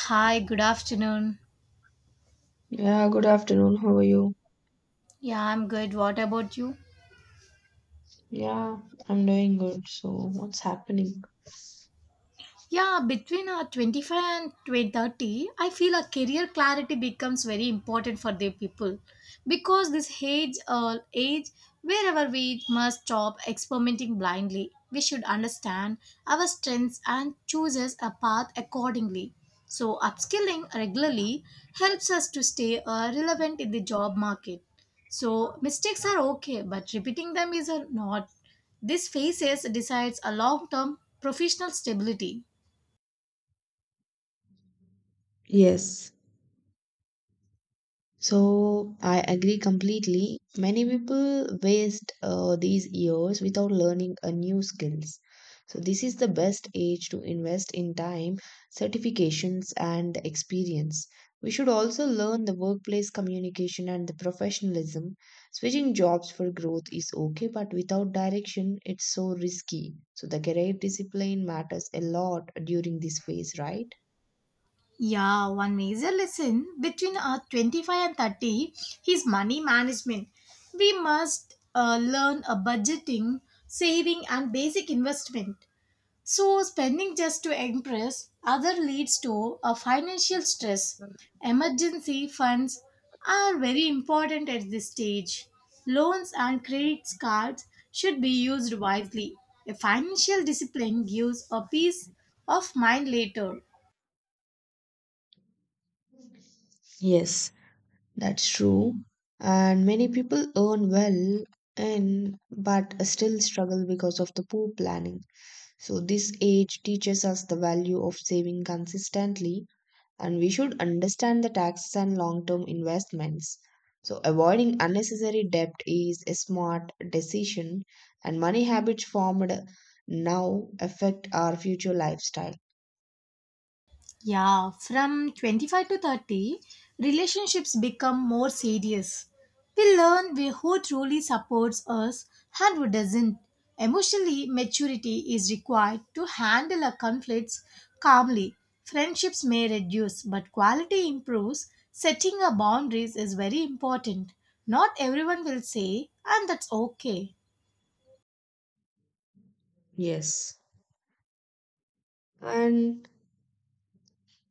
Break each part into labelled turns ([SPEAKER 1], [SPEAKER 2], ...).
[SPEAKER 1] Hi, good afternoon.
[SPEAKER 2] Yeah, good afternoon. How are you?
[SPEAKER 1] Yeah, I'm good. What about you?
[SPEAKER 2] Yeah, I'm doing good. So, what's happening?
[SPEAKER 1] Yeah, between 25 and 2030, I feel a career clarity becomes very important for the people because this age, wherever we must stop experimenting blindly, we should understand our strengths and chooses a path accordingly. So, upskilling regularly helps us to stay relevant in the job market. So, mistakes are okay, but repeating them is not. This phases decides a long-term professional stability.
[SPEAKER 2] Yes. So I agree completely. Many people waste these years without learning a new skills. So this is the best age to invest in time, certifications and experience. We should also learn the workplace communication and the professionalism. Switching jobs for growth is okay, but without direction, it's so risky. So the career discipline matters a lot during this phase, right?
[SPEAKER 1] Yeah, one major lesson between 25 and 30 is money management. We must learn a budgeting, saving, and basic investment. So, spending just to impress other leads to a financial stress. Emergency funds are very important at this stage. Loans and credit cards should be used wisely. A financial discipline gives a peace of mind later.
[SPEAKER 2] Yes, that's true. And many people earn well and but still struggle because of the poor planning. So this age teaches us the value of saving consistently and we should understand the taxes and long-term investments. So avoiding unnecessary debt is a smart decision and money habits formed now affect our future lifestyle.
[SPEAKER 1] Yeah, from 25 to 30, relationships become more serious. Who truly supports us and who doesn't. Emotionally, maturity is required to handle our conflicts calmly. Friendships may reduce, but quality improves. Setting our boundaries is very important. Not everyone will say, and that's okay.
[SPEAKER 2] Yes. And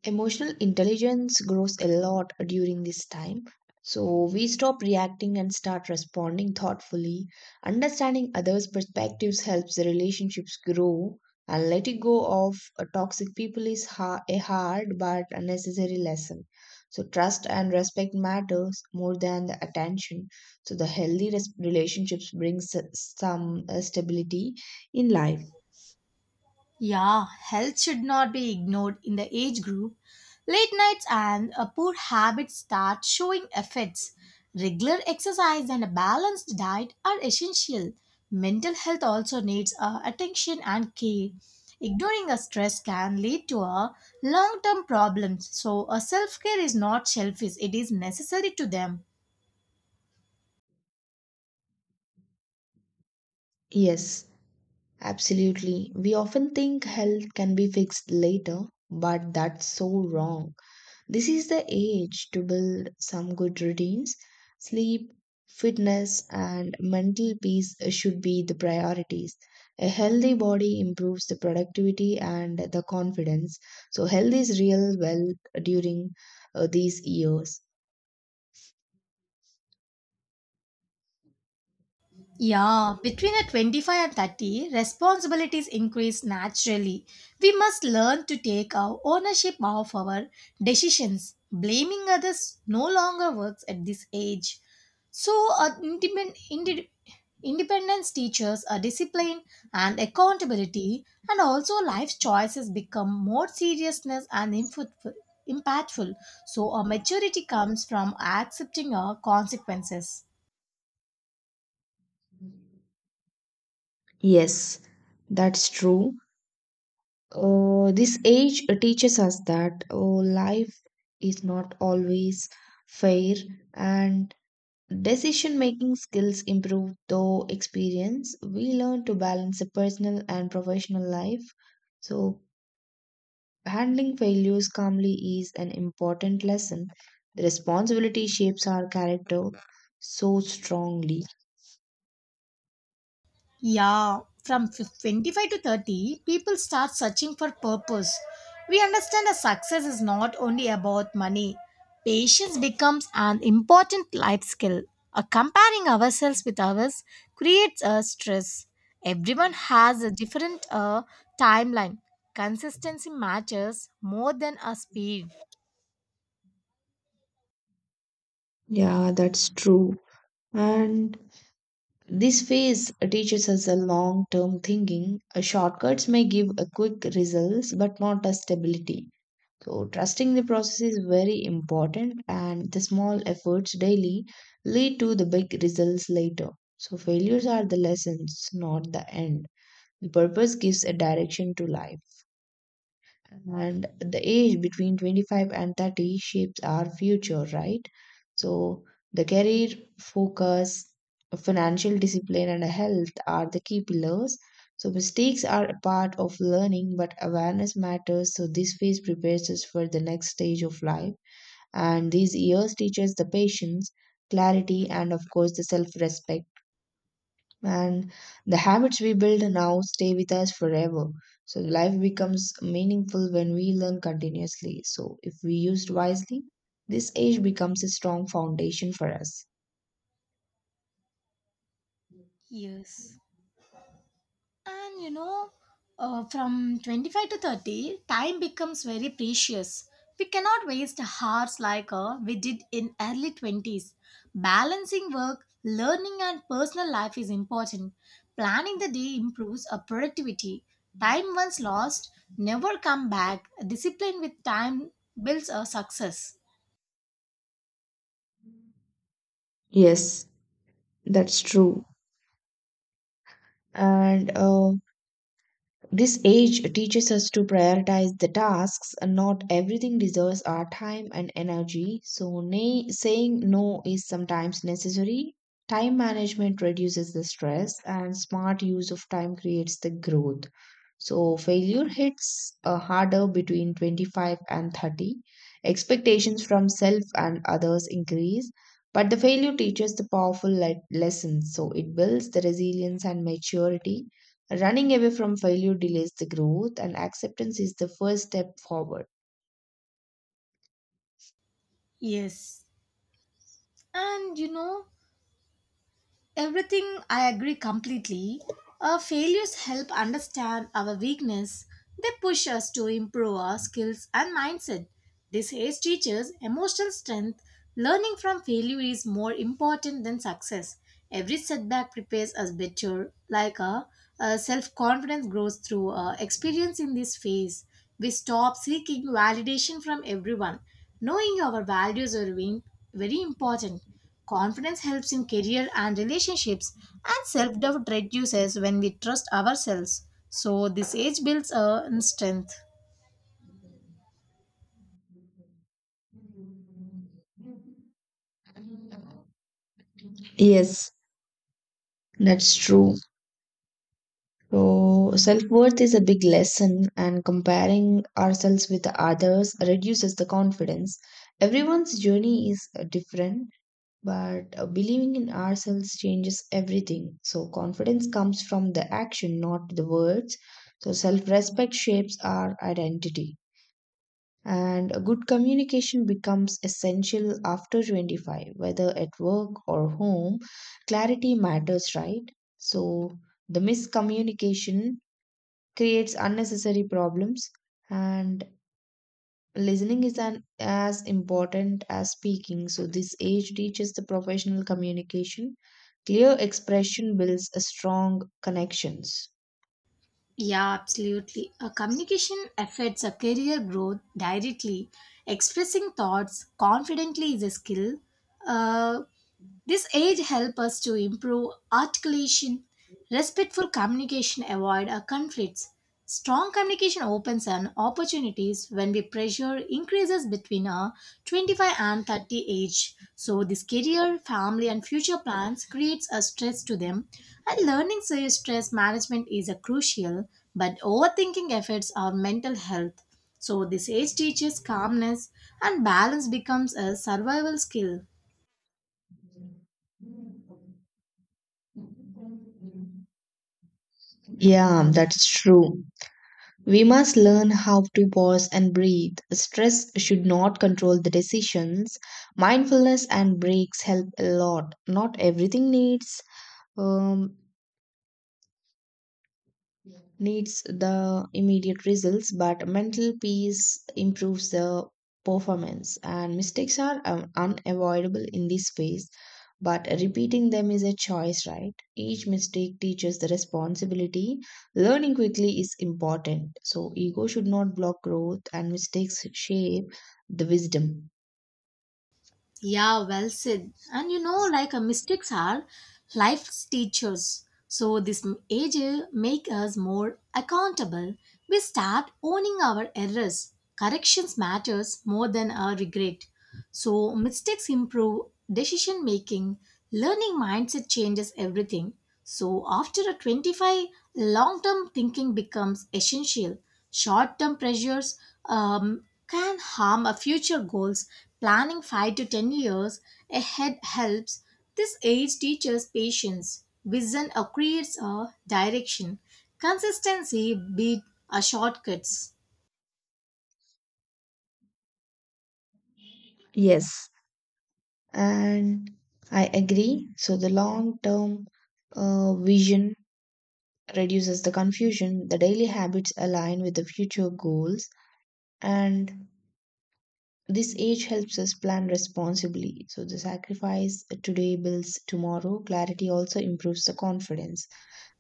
[SPEAKER 2] emotional intelligence grows a lot during this time. So we stop reacting and start responding thoughtfully. Understanding others' perspectives helps the relationships grow. And letting go of toxic people is a hard but a necessary lesson. So trust and respect matters more than the attention. So the healthy relationships brings some stability in life.
[SPEAKER 1] Yeah, health should not be ignored in the age group. Late nights and a poor habits start showing effects. Regular exercise and a balanced diet are essential. Mental health also needs attention and care. Ignoring a stress can lead to a long-term problems. So, a self-care is not selfish; it is necessary to them.
[SPEAKER 2] Yes. Absolutely. We often think health can be fixed later, but that's so wrong. This is the age to build some good routines. Sleep, fitness, and mental peace should be the priorities. A healthy body improves the productivity and the confidence. So, health is real well during these years.
[SPEAKER 1] Yeah, between a 25 and 30, responsibilities increase naturally. We must learn to take our ownership of our decisions. Blaming others no longer works at this age. So, uh, independ- indi- independence teaches a discipline and accountability, and also life's choices become more seriousness and impactful. impactful. So, a maturity comes from accepting our consequences.
[SPEAKER 2] Yes, that's true. This age teaches us that life is not always fair and decision making skills improve through experience. We learn to balance a personal and professional life. So, handling failures calmly is an important lesson. The responsibility shapes our character so strongly.
[SPEAKER 1] Yeah, from 25 to 30, people start searching for purpose. We understand that success is not only about money. Patience becomes an important life skill. Comparing ourselves with others creates a stress. Everyone has a different timeline. Consistency matters more than a speed.
[SPEAKER 2] Yeah, that's true. And this phase teaches us a long term thinking. Shortcuts may give a quick results but not a stability. So, trusting the process is very important, and the small efforts daily lead to the big results later. So, failures are the lessons, not the end. The purpose gives a direction to life and the age between 25 and 30 shapes our future right. So the career focus, financial discipline and health are the key pillars. So mistakes are a part of learning but awareness matters. So this phase prepares us for the next stage of life, and these years teach us the patience, clarity and of course the self-respect, and the habits we build now stay with us forever. So life becomes meaningful when we learn continuously. So if we used wisely, this age becomes a strong foundation for us.
[SPEAKER 1] Yes. And you know, from 25 to 30, time becomes very precious. We cannot waste hours like we did in early 20s. Balancing work, learning and personal life is important. Planning the day improves our productivity. Time once lost, never come back. Discipline with time builds a success.
[SPEAKER 2] Yes, that's true. And This age teaches us to prioritize the tasks, and not everything deserves our time and energy. So, saying no is sometimes necessary. Time management reduces the stress, and smart use of time creates the growth. So, failure hits harder between 25 and 30. Expectations from self and others increase, but the failure teaches the powerful lessons. So, it builds the resilience and maturity. Running away from failure delays the growth, and acceptance is the first step forward.
[SPEAKER 1] Yes. And you know, everything I agree completely. Our failures help understand our weakness. They push us to improve our skills and mindset. This age teaches emotional strength. Learning from failure is more important than success. Every setback prepares us better, like our, self confidence grows through our experience in this phase. We stop seeking validation from everyone. Knowing our values are very important. Confidence helps in career and relationships, and self doubt reduces when we trust ourselves. So, this age builds a strength.
[SPEAKER 2] Yes, that's true. So, self worth is a big lesson, and comparing ourselves with others reduces the confidence. Everyone's journey is different, but believing in ourselves changes everything. So, confidence comes from the action, not the words. So, self respect shapes our identity. And a good communication becomes essential after 25, whether at work or home. Clarity matters, right? So, the miscommunication creates unnecessary problems, and listening is an, as important as speaking. So, this age teaches the professional communication. Clear expression builds a strong connections.
[SPEAKER 1] Yeah, absolutely. A communication affects a career growth directly. Expressing thoughts confidently is a skill. Uh, This age helps us to improve articulation, respectful communication, avoid our conflicts. Strong communication opens an opportunities when we pressure increases between our 25 and 30 age. So this career, family and future plans creates a stress to them and learning so stress management is a crucial but overthinking affects our mental health. So this age teaches calmness and balance becomes a survival skill.
[SPEAKER 2] Yeah, that's true. We must learn how to pause and breathe. Stress should not control the decisions. Mindfulness and breaks help a lot. Not everything needs um, needs the immediate results, but mental peace improves the performance. And mistakes are unavoidable in this space, but repeating them is a choice, right? Each mistake teaches the responsibility. Learning quickly is important. So, ego should not block growth, and mistakes shape the wisdom.
[SPEAKER 1] Yeah, well said. And you know, like mistakes are life's teachers. So this age make us more accountable. We start owning our errors. Corrections matters more than our regret. So, mistakes improve decision making, learning mindset changes everything. So, after a 25, long term thinking becomes essential. Short term pressures um, can harm our future goals. Planning 5 to 10 years ahead helps. This age teaches patience. Vision creates a direction. Consistency beats a shortcuts.
[SPEAKER 2] Yes. And I agree. So, the long term vision reduces the confusion. The daily habits align with the future goals, and this age helps us plan responsibly. So, the sacrifice today builds tomorrow. Clarity also improves the confidence.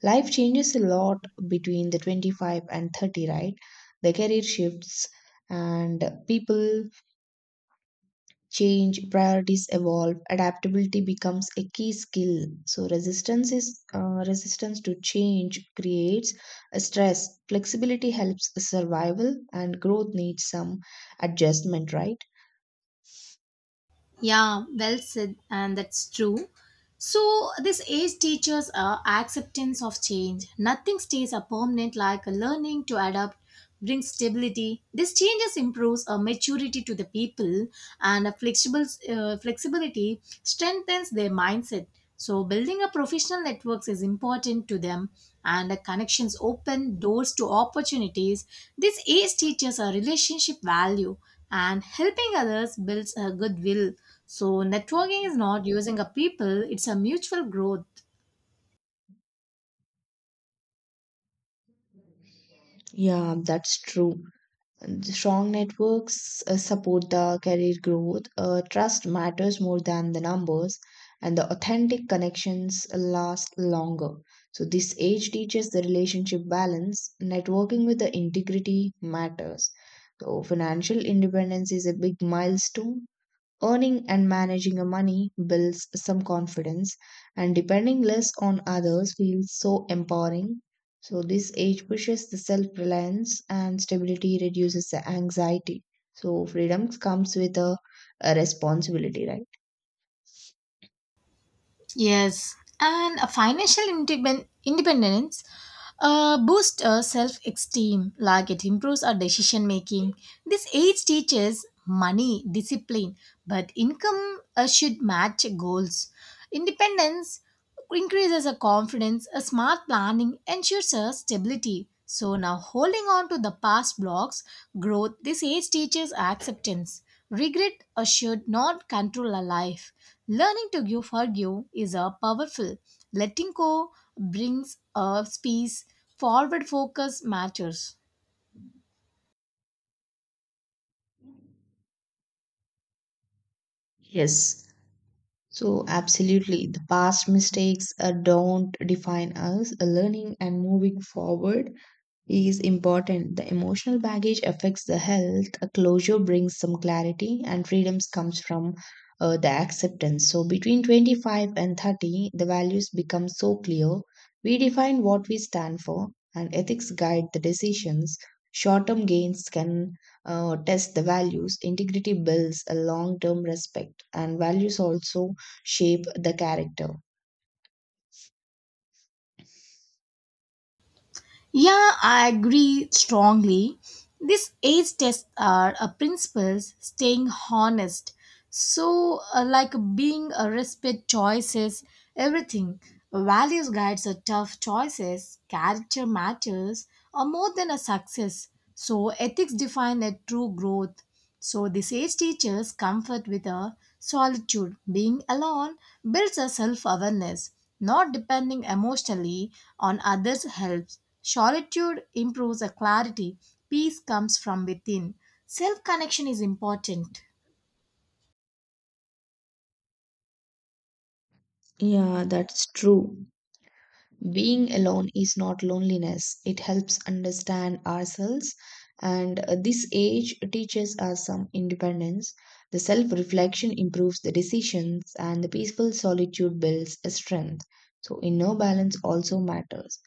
[SPEAKER 2] Life changes a lot between the 25 and 30, right? The career shifts, and people change, priorities evolve, adaptability becomes a key skill. So resistance to change creates a stress. Flexibility helps survival, and growth needs some adjustment, right?
[SPEAKER 1] Yeah, well said, and that's true. So, this age teaches acceptance of change. Nothing stays a permanent like a learning to adapt brings stability. This changes improves a maturity to the people and a flexible flexibility strengthens their mindset. So, building a professional networks is important to them, and the connections open doors to opportunities. This age teaches a relationship value and helping others builds a goodwill. So, networking is not using a people, it's a mutual growth.
[SPEAKER 2] Yeah, that's true. Strong networks support the career growth. Trust matters more than the numbers, and the authentic connections last longer. So, this age teaches the relationship balance. Networking with the integrity matters. So, financial independence is a big milestone. Earning and managing your money builds some confidence, and depending less on others feels so empowering. So, this age pushes the self reliance, and stability reduces the anxiety. So, freedom comes with a responsibility, right?
[SPEAKER 1] Yes, and a independence boosts our self esteem, like it improves our decision making. This age teaches money, discipline, but income should match goals. Independence increases our confidence, a smart planning ensures our stability. So now holding on to the past blocks, growth, this age teaches acceptance. Regret should not control our life. Learning to give forgive is a powerful. Letting go brings a peace. Forward focus matters.
[SPEAKER 2] Yes. So, absolutely, the past mistakes don't define us. Learning and moving forward is important. The emotional baggage affects the health. A closure brings some clarity, and freedoms comes from the acceptance. So between 25 and 30, the values become so clear. We define what we stand for, and ethics guide the decisions. Short-term gains can test the values. Integrity builds a long-term respect, and values also shape the character.
[SPEAKER 1] Yeah, I agree strongly. These age tests are a principles staying honest. So, like being a respect choices, everything. Values guides are tough choices. Character matters are more than a success. So, ethics define a true growth. So the sage teaches comfort with a solitude. Being alone builds a self-awareness, not depending emotionally on others helps. Solitude improves a clarity. Peace comes from within. Self-connection is important.
[SPEAKER 2] Yeah, that's true. Being alone is not loneliness. It helps understand ourselves, and this age teaches us some independence. The self reflection improves the decisions, and the peaceful solitude builds a strength. So, inner balance also matters.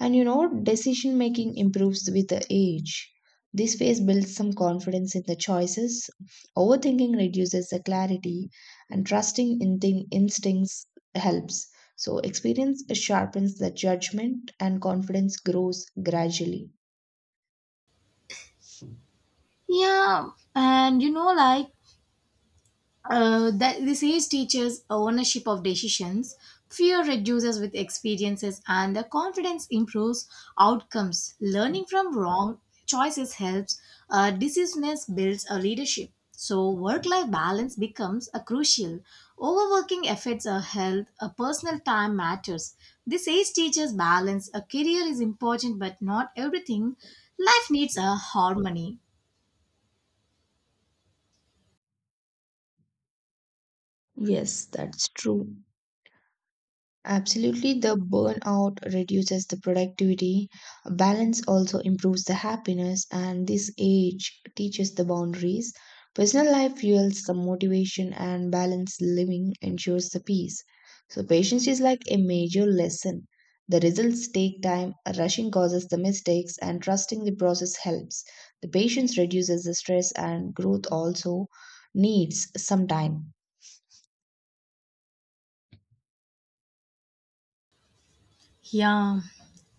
[SPEAKER 2] And you know, decision making improves with the age. This phase builds some confidence in the choices. Overthinking reduces the clarity, and instincts helps. So, experience sharpens the judgment, and confidence grows gradually.
[SPEAKER 1] Yeah, and you know, like that this age teaches ownership of decisions fear reduces with experiences and the confidence improves outcomes learning from wrong choices helps decisiveness builds a leadership so work-life balance becomes a crucial overworking affects our health a personal time matters this age teaches balance a career is important but not everything life needs a harmony.
[SPEAKER 2] Yes, that's true. Absolutely, the burnout reduces the productivity, balance also improves the happiness, and this age teaches the boundaries. Personal life fuels the motivation, and balanced living ensures the peace. So, patience is like a major lesson. The results take time, rushing causes the mistakes, and trusting the process helps. The patience reduces the stress, and growth also needs some time.
[SPEAKER 1] Yeah.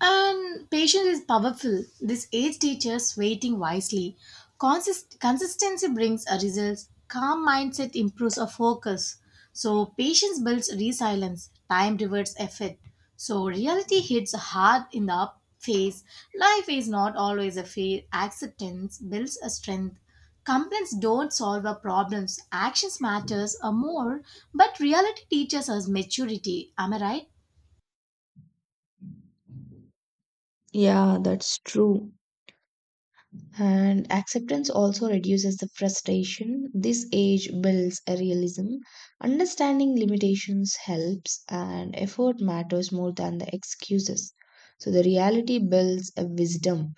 [SPEAKER 1] And patience is powerful. This age teaches waiting wisely. Consistency brings a results. Calm mindset improves our focus. So patience builds resilience. Time rewards effort. So reality hits hard in the up face. Life is not always a fair. Acceptance builds a strength. Complaints don't solve our problems. Actions matters a more, but reality teaches us maturity. Am I right?
[SPEAKER 2] Yeah, that's true. And acceptance also reduces the frustration. This age builds a realism. Understanding limitations helps, and effort matters more than the excuses. So, the reality builds a wisdom.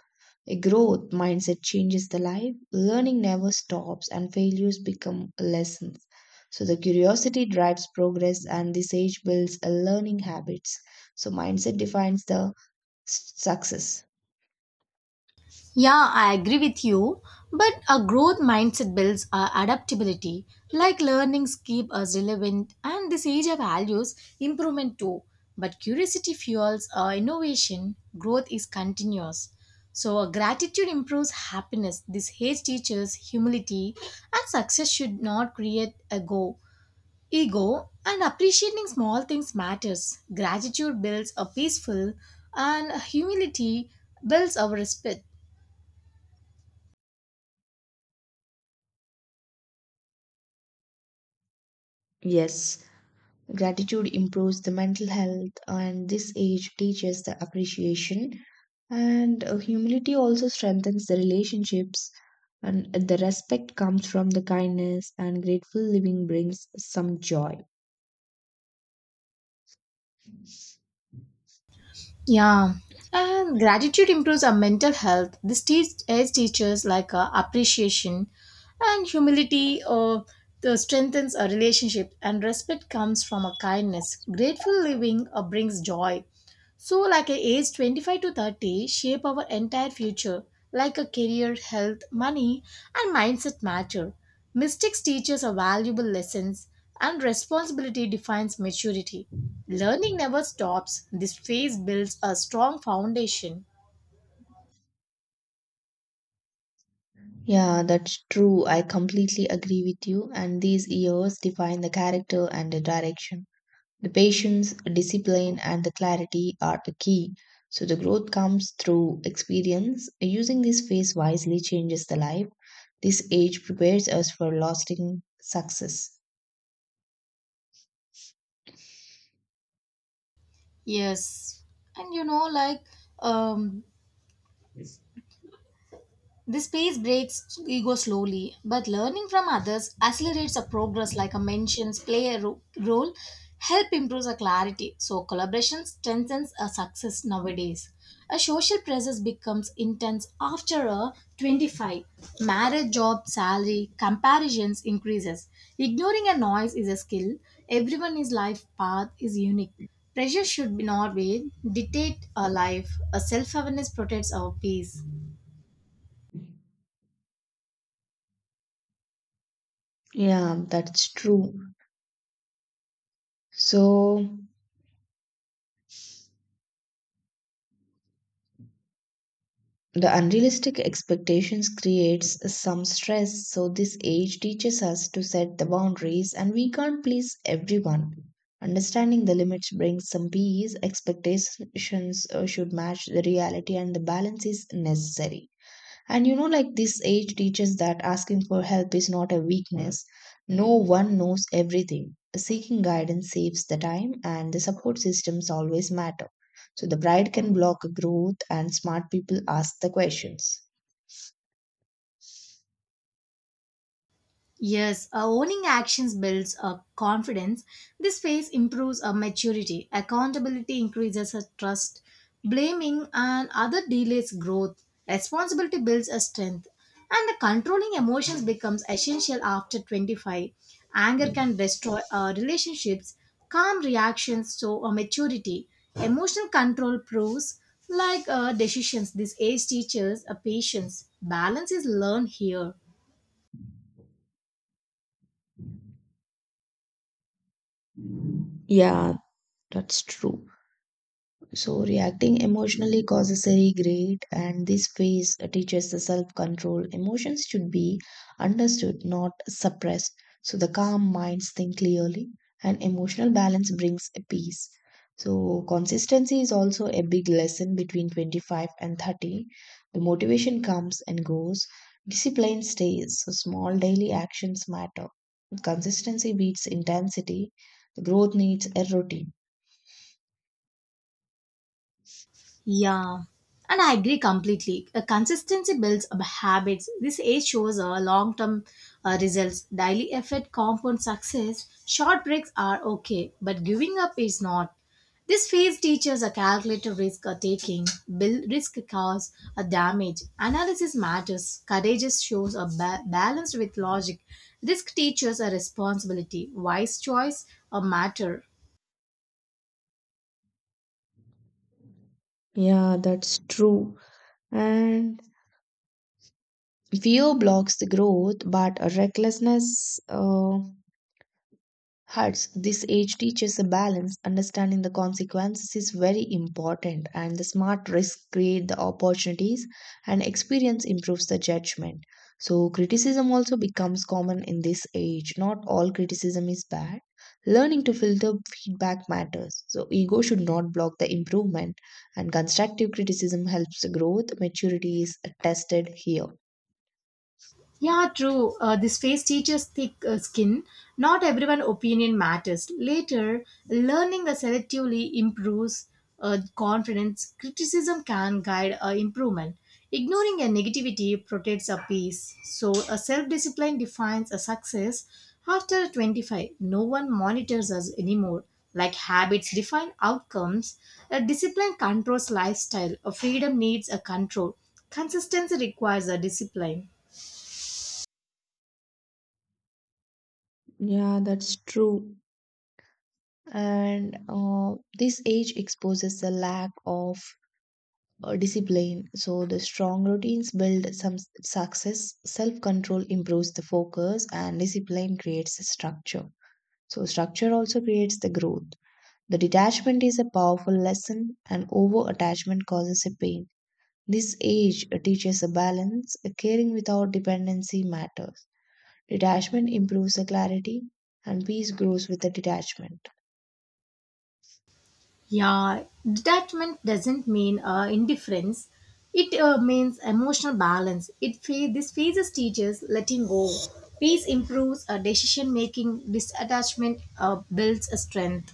[SPEAKER 2] A growth mindset changes the life. Learning never stops, and failures become lessons. So, the curiosity drives progress, and this age builds a learning habits. So, mindset defines the success.
[SPEAKER 1] Yeah, I agree with you. But a growth mindset builds our adaptability. Like learnings keep us relevant, and this age of values improvement too. But curiosity fuels our innovation. Growth is continuous. So a gratitude improves happiness. This age teaches humility, and success should not create a go ego. And appreciating small things matters. Gratitude builds a peaceful, and humility builds our respect.
[SPEAKER 2] Yes. Gratitude improves the mental health, and this age teaches the appreciation. And humility also strengthens the relationships, and the respect comes from the kindness, and grateful living brings some joy.
[SPEAKER 1] Yeah, and gratitude improves our mental health. This teach aids teachers like appreciation and humility, or the strengthens a relationship, and respect comes from a kindness. Grateful living brings joy. So, like a age 25 to 30, shape our entire future, like a career, health, money, and mindset matter. Mistakes teach us a valuable lessons, and responsibility defines maturity. Learning never stops. This phase builds a strong foundation.
[SPEAKER 2] Yeah, that's true. I completely agree with you. And these years define the character and the direction. The patience, discipline, and the clarity are the key. So the growth comes through experience. Using this phase wisely changes the life. This age prepares us for lasting success.
[SPEAKER 1] Yes, and you know, um, this pace breaks ego slowly, but learning from others accelerates our progress like a mentions play a role, help improves our clarity. So collaboration strengthens a success nowadays. A social presence becomes intense after a 25. Marriage, job, salary, comparisons increases. Ignoring a noise is a skill. Everyone's life path is unique. Pressure should be not be dictate our life. A self-awareness protects our peace.
[SPEAKER 2] Yeah, that's true. So the unrealistic expectations creates some stress. So this age teaches us to set the boundaries and we can't please everyone. Understanding the limits brings some peace. Expectations should match the reality and the balance is necessary. And you know, like this age teaches that asking for help is not a weakness. No one knows everything. Seeking guidance saves the time, and the support systems always matter. So the pride can block growth, and smart people ask the questions.
[SPEAKER 1] Yes, owning actions builds a confidence. This phase improves a maturity. Accountability increases a trust. Blaming and other delays growth. Responsibility builds a strength. And the controlling emotions becomes essential after 25. Anger can destroy relationships. Calm reactions show a maturity. Emotional control proves like decisions. This age teaches a patience. Balance is learned here.
[SPEAKER 2] Yeah, that's true. So, reacting emotionally causes a regret, and this phase teaches the self control. Emotions should be understood, not suppressed. So, the calm minds think clearly, and emotional balance brings a peace. So, consistency is also a big lesson between 25 and 30. The motivation comes and goes, discipline stays, so small daily actions matter. Consistency beats intensity, growth needs a routine.
[SPEAKER 1] Yeah, and I agree completely. A consistency builds up habits. This age shows uh, long term results. Daily effort compounds success. Short breaks are okay, but giving up is not. This phase teaches a calculated risk taking, build risk cause a damage. Analysis matters. Courage shows a balanced with logic. Risk teaches a responsibility. Wise choice a matter.
[SPEAKER 2] Yeah, that's true. And fear blocks the growth, but recklessness hurts. This age teaches a balance. Understanding the consequences is very important, and the smart risks create the opportunities, and experience improves the judgment. So criticism also becomes common in this age. Not all criticism is bad. Learning to filter feedback matters. So ego should not block the improvement, and constructive criticism helps the growth. Maturity is tested here.
[SPEAKER 1] Yeah, true. This face teaches thick skin. Not everyone opinion matters. Later, learning selectively improves confidence. Criticism can guide improvement. Ignoring a negativity protects a peace. So, a self-discipline defines a success. After 25, no one monitors us anymore. Like habits define outcomes, a discipline controls lifestyle. A freedom needs a control. Consistency requires a discipline.
[SPEAKER 2] Yeah, that's true. And this age exposes the lack of discipline. So the strong routines build some success. Self-control improves the focus, and discipline creates the structure. So structure also creates the growth. The detachment is a powerful lesson, and over-attachment causes a pain. This age teaches a balance. Caring without dependency matters. Detachment improves the clarity, and peace grows with the detachment.
[SPEAKER 1] Yeah, detachment doesn't mean indifference. It means emotional balance. This phases teaches letting go. Peace improves decision making. Disattachment builds a strength.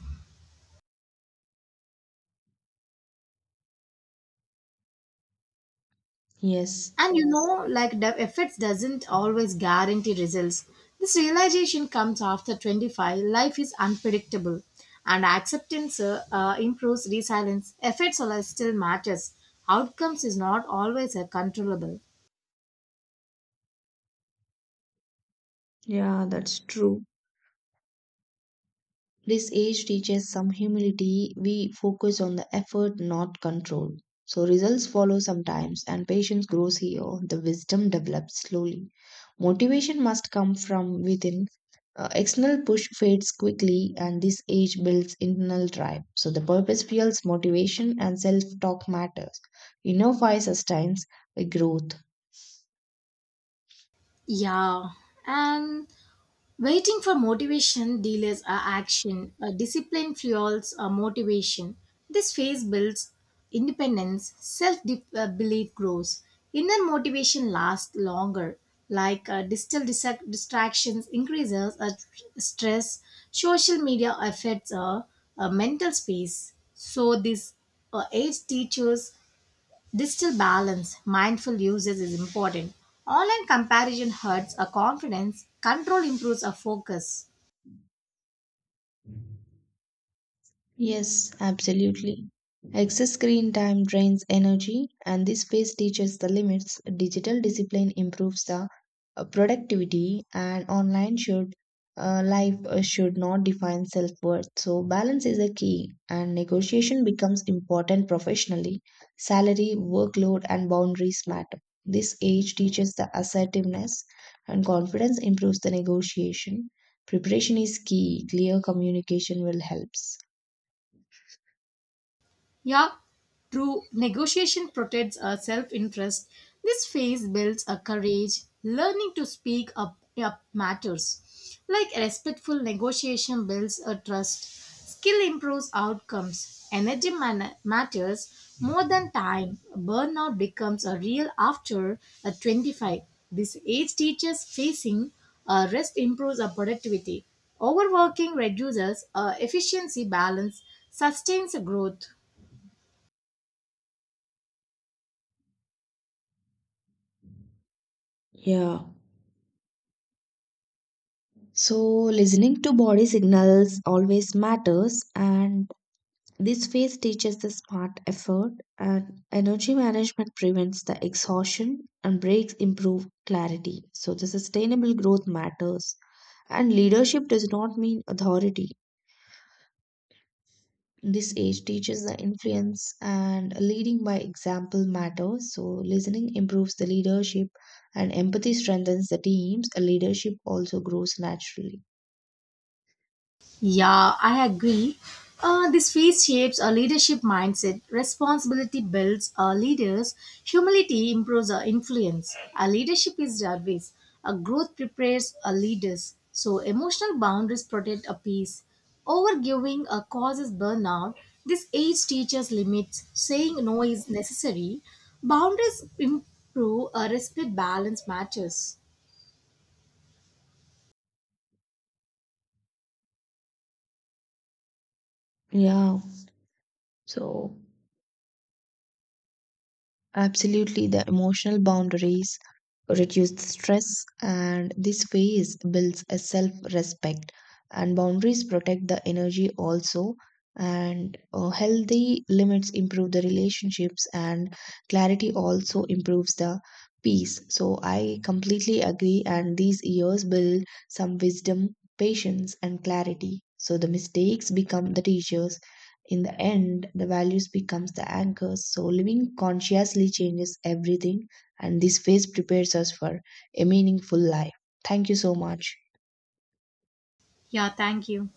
[SPEAKER 2] Yes,
[SPEAKER 1] And you know, like the efforts doesn't always guarantee results. This realization comes after 25. Life is unpredictable, and acceptance improves resilience. Efforts are still matters. Outcomes is not always controllable.
[SPEAKER 2] yeah, that's true. This age teaches some humility. We focus on the effort, not control. So results follow sometimes, and patience grows here. The wisdom develops slowly. Motivation must come from within. External push fades quickly, and this age builds internal drive. So the purpose fuels motivation, and self talk matters. Inner fire sustains growth.
[SPEAKER 1] Yeah, and waiting for motivation delays our action. A discipline fuels our motivation. This phase builds independence, self belief grows. Inner motivation lasts longer, like uh, distractions increases our stress. Social media affects Our mental space. So this age teaches digital balance, mindful usage is important. Online comparison hurts our confidence, control improves our focus.
[SPEAKER 2] Yes, absolutely. Excess screen time drains energy, and this phase teaches the limits. Digital discipline improves the productivity, and online should life should not define self worth. So balance is a key, and negotiation becomes important professionally. Salary, workload, and boundaries matter. This age teaches the assertiveness, and confidence improves the negotiation. Preparation is key. Clear communication will helps.
[SPEAKER 1] Yeah, through negotiation protects our self interest. This phase builds a courage, learning to speak up matters. Like respectful negotiation builds a trust, skill improves outcomes, matters more than time. Burnout becomes a real after a 25. This age teaches facing rest improves our productivity. Overworking reduces efficiency balance, sustains growth.
[SPEAKER 2] Yeah. So listening to body signals always matters, and this phase teaches the smart effort, and energy management prevents the exhaustion, and breaks improve clarity. So the sustainable growth matters, and leadership does not mean authority. This age teaches the influence, and leading by example matters. So listening improves the leadership, and empathy strengthens the teams. Leadership also grows naturally.
[SPEAKER 1] Yeah, I agree. This phase shapes a leadership mindset. Responsibility builds our leaders. Humility improves our influence. Our leadership is always. Our growth prepares our leaders. So emotional boundaries protect our peace. Overgiving causes burnout. This age teaches limits. Saying no is necessary. Boundaries improve. A respect balance matters.
[SPEAKER 2] Yeah. So, absolutely, the emotional boundaries reduce the stress, and this phase builds a self respect. And boundaries protect the energy also. And healthy limits improve the relationships, and clarity also improves the peace. So, I completely agree. And these years build some wisdom, patience, and clarity. So, the mistakes become the teachers. In the end, the values becomes the anchors. So living consciously changes everything, and this phase prepares us for a meaningful life. Thank you so much.
[SPEAKER 1] Yeah, thank you.